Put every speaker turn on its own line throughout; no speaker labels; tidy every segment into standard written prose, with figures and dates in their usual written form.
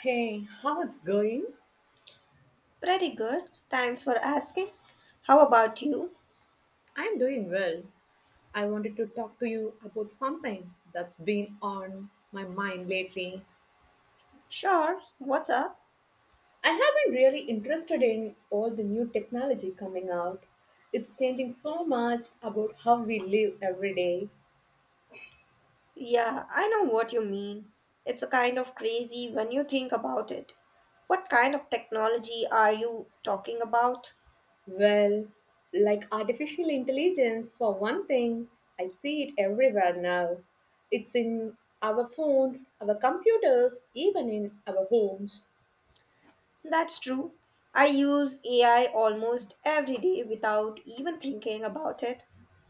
Hey, how it's going?
Pretty good. Thanks for asking. How about you?
I'm doing well. I wanted to talk to you about something that's been on my mind lately.
Sure. What's up?
I have been really interested in all the new technology coming out. It's changing so much about how we live every day.
Yeah, I know what you mean. It's a kind of crazy when you think about it. What kind of technology are you talking about?
Well, like artificial intelligence, for one thing, I see it everywhere now. It's in our phones, our computers, even in our homes.
That's true. I use AI almost every day without even thinking about it.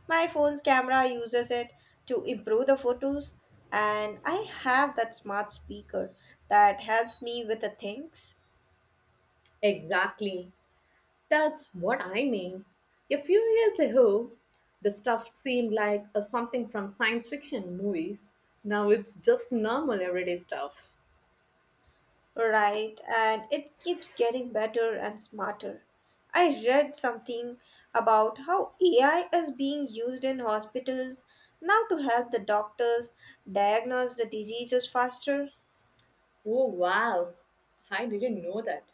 My phone's camera uses it to improve the photos, and I have that smart speaker that helps me with the things.
Exactly. That's what I mean. A few years ago, the stuff seemed like a something from science fiction movies. Now it's just normal everyday stuff.
Right, and it keeps getting better and smarter. I read something about how AI is being used in hospitals now to help the doctors diagnose the diseases faster.
Oh wow, I didn't know that.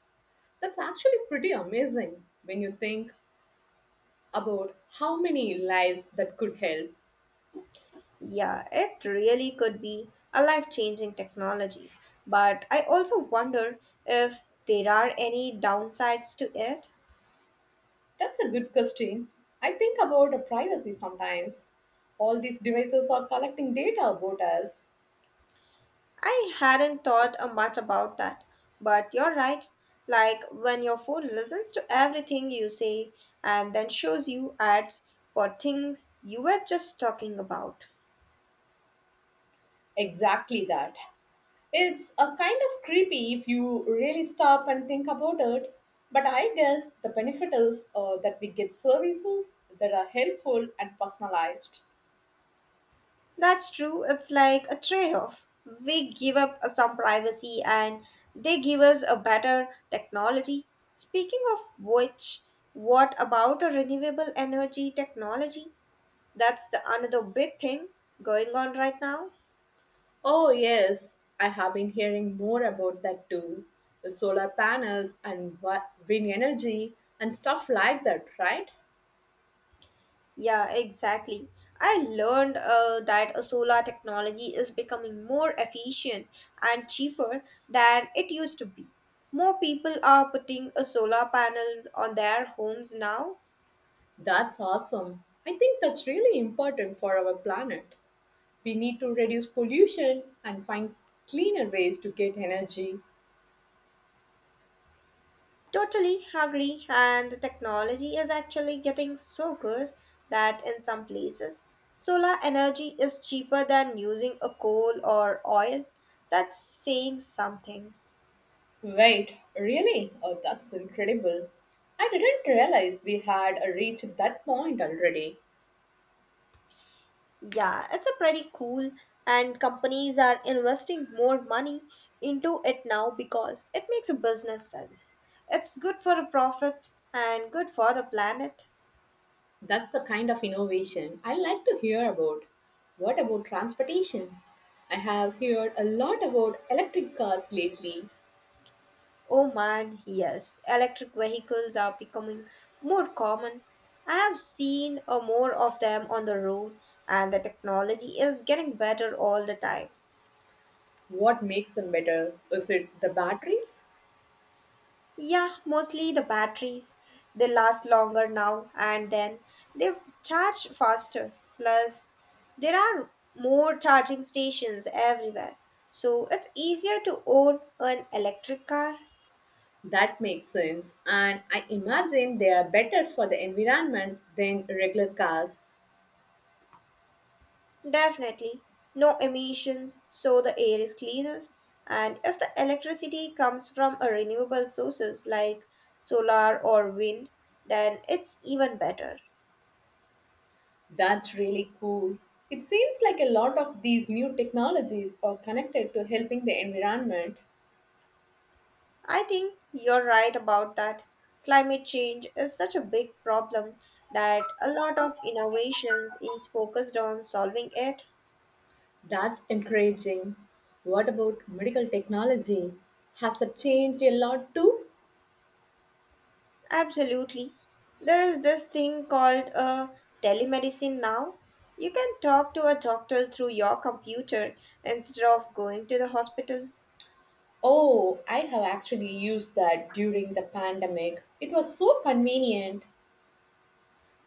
That's actually pretty amazing when you think about how many lives that could help.
Yeah, it really could be a life changing technology. But I also wonder if there are any downsides to it.
That's a good question. I think about our privacy sometimes. All these devices are collecting data about us.
I hadn't thought much about that, but you're right. Like when your phone listens to everything you say and then shows you ads for things you were just talking about.
Exactly that. It's a kind of creepy if you really stop and think about it. But I guess the benefit is that we get services that are helpful and personalized.
That's true, it's like a trade off. We give up some privacy and they give us a better technology. Speaking of which, what about a renewable energy technology? That's the another big thing going on right now.
Oh, yes, I have been hearing more about that too. The solar panels and wind energy and stuff like that, right?
Yeah, exactly. I learned that solar technology is becoming more efficient and cheaper than it used to be. More people are putting solar panels on their homes now.
That's awesome. I think that's really important for our planet. We need to reduce pollution and find cleaner ways to get energy.
Totally agree, and the technology is actually getting so good that in some places, solar energy is cheaper than using a coal or oil. That's saying something.
Wait, really? Oh, that's incredible. I didn't realize we had reached that point already.
Yeah, it's a pretty cool and companies are investing more money into it now because it makes a business sense. It's good for the profits and good for the planet.
That's the kind of innovation I like to hear about. What about transportation? I have heard a lot about electric cars lately.
Oh man, yes, electric vehicles are becoming more common. I have seen more of them on the road and the technology is getting better all the time.
What makes them better? Is it the batteries?
Yeah, mostly the batteries. They last longer now and then. They charge faster. Plus, there are more charging stations everywhere. So it's easier to own an electric car.
That makes sense, and I imagine they are better for the environment than regular cars.
Definitely. No emissions, so the air is cleaner. And if the electricity comes from a renewable sources like solar or wind, then it's even better.
That's really cool. It seems like a lot of these new technologies are connected to helping the environment.
I think you're right about that. Climate change is such a big problem that a lot of innovations is focused on solving it.
That's encouraging. What about medical technology? Has that changed a lot too?
Absolutely. There is this thing called telemedicine now. You can talk to a doctor through your computer instead of going to the hospital.
Oh, I have actually used that during the pandemic. It was so convenient.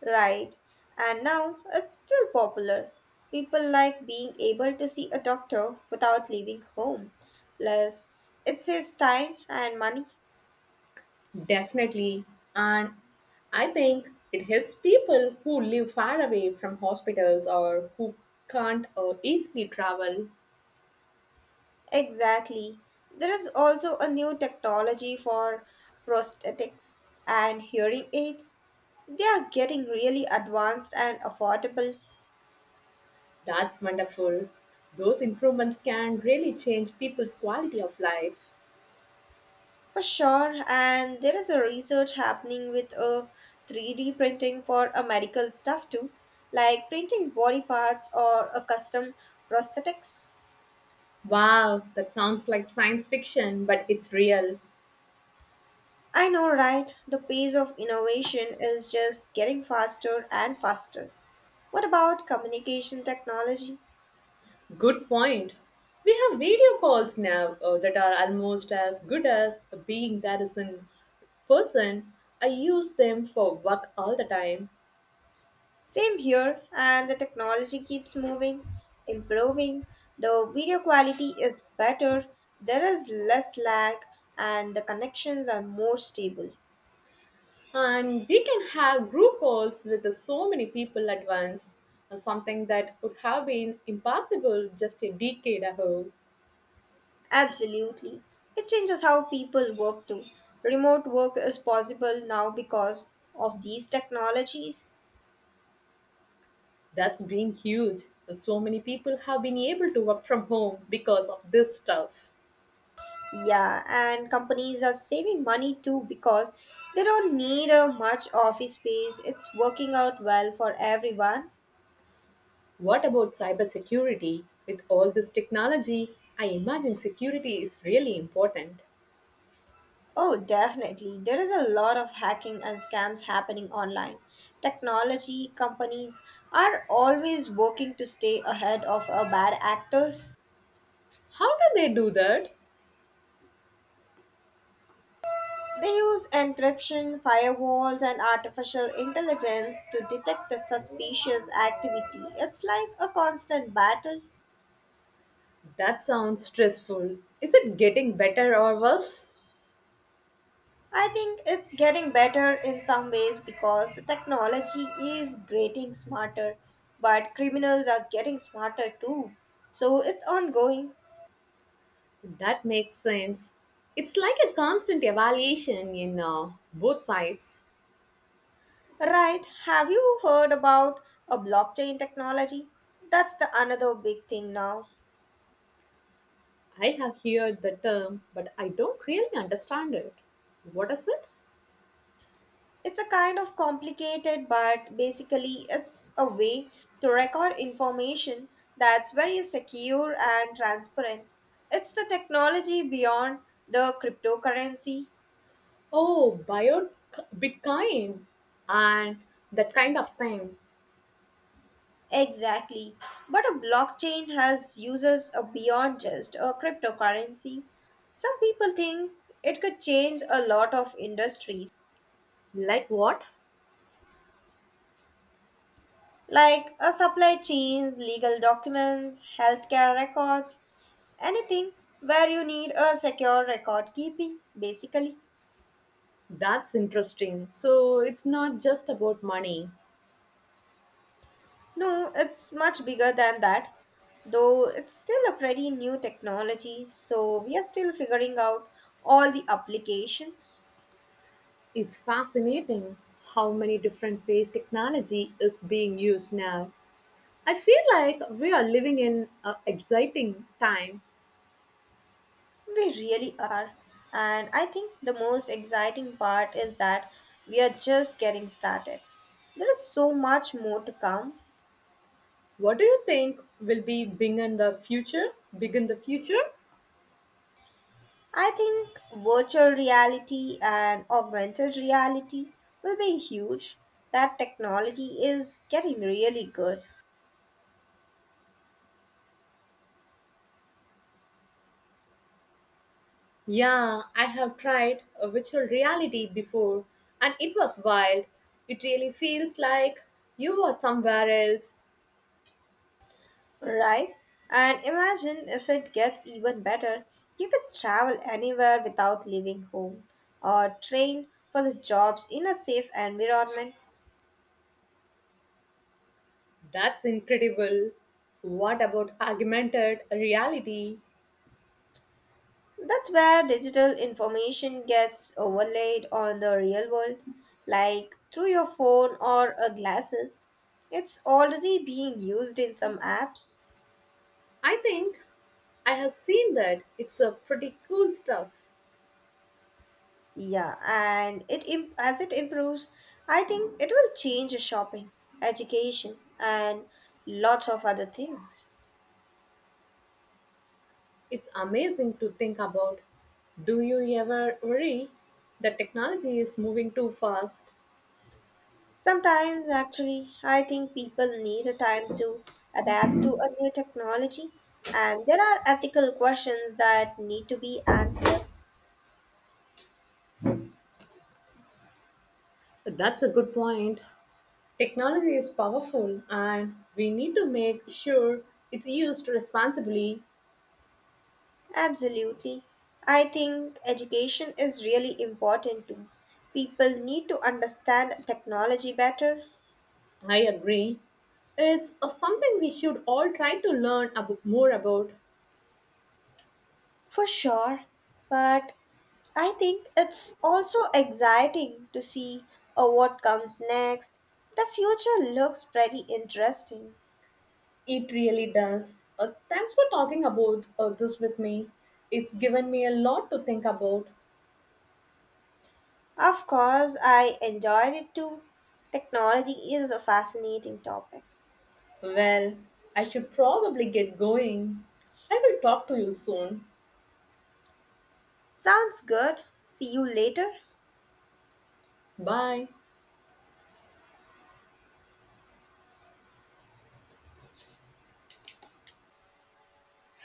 Right. And now it's still popular. People like being able to see a doctor without leaving home. Plus, it saves time and money.
Definitely. And I think it helps people who live far away from hospitals or who can't or easily travel.
Exactly. There is also a new technology for prosthetics and hearing aids. They are getting really advanced and affordable
That's wonderful. Those improvements can really change people's quality of life.
for sure. And there is a research happening with a 3D printing for a medical stuff too, like printing body parts or a custom prosthetics.
Wow, that sounds like science fiction, but it's real.
I know, right? The pace of innovation is just getting faster and faster. What about communication technology?
Good point. We have video calls now that are almost as good as being there is in person. I use them for work all the time.
Same here, and the technology keeps moving, improving. The video quality is better, there is less lag, and the connections are more stable.
And we can have group calls with so many people at once, something that would have been impossible just a decade ago.
Absolutely. It changes how people work too. Remote work is possible now because of these technologies.
That's been huge. So many people have been able to work from home because of this stuff.
Yeah, and companies are saving money too because they don't need a much office space. It's working out well for everyone.
What about cybersecurity? With all this technology, I imagine security is really important.
Oh, definitely. There is a lot of hacking and scams happening online. Technology companies are always working to stay ahead of bad actors.
How do they do that?
They use encryption, firewalls, and artificial intelligence to detect the suspicious activity. It's like a constant battle.
That sounds stressful. Is it getting better or worse?
I think it's getting better in some ways because the technology is getting smarter, but criminals are getting smarter too. So it's ongoing.
That makes sense. It's like a constant evaluation in both sides.
Right. Have you heard about a blockchain technology? That's the another big thing now.
I have heard the term, but I don't really understand it. What is it?
It's a kind of complicated, but basically, it's a way to record information that's very secure and transparent. It's the technology beyond the cryptocurrency.
Oh, bio Bitcoin and that kind of thing.
Exactly. But a blockchain has uses beyond just a cryptocurrency. Some people think it could change a lot of industries.
Like what?
Like a supply chains, legal documents, healthcare records, anything where you need a secure record keeping, basically.
That's interesting. So it's not just about money.
No, it's much bigger than that, though it's still a pretty new technology, so we are still figuring out all the applications.
It's fascinating how many different ways technology is being used now. I feel like we are living in an exciting time.
We really are. And I think the most exciting part is that we are just getting started. There is so much more to come.
What do you think will be big in the future? Big in the future?
I think virtual reality and augmented reality will be huge. That technology is getting really good,
Yeah, I have tried a virtual reality before and it was wild. It really feels like you are somewhere else.
right? And imagine if it gets even better, you could travel anywhere without leaving home or train for the jobs in a safe environment.
That's incredible. What about augmented reality?
That's where digital information gets overlaid on the real world, like through your phone or a glasses. It's already being used in some apps.
I think I have seen that. It's a pretty cool stuff.
Yeah, and as it improves, I think it will change shopping, education, and lots of other things.
It's amazing to think about. Do you ever worry that technology is moving too fast?
Sometimes, actually, I think people need a time to adapt to a new technology, and there are ethical questions that need to be answered.
That's a good point. Technology is powerful and we need to make sure it's used responsibly.
Absolutely. I think education is really important too. People need to understand technology better,
I agree. It's something we should all try to learn more about.
for sure, but I think it's also exciting to see what comes next. The future looks pretty interesting.
It really does. Thanks for talking about this with me. It's given me a lot to think about.
Of course, I enjoyed it too. Technology is a fascinating topic.
Well, I should probably get going. I will talk to you soon.
Sounds good. See you later.
Bye.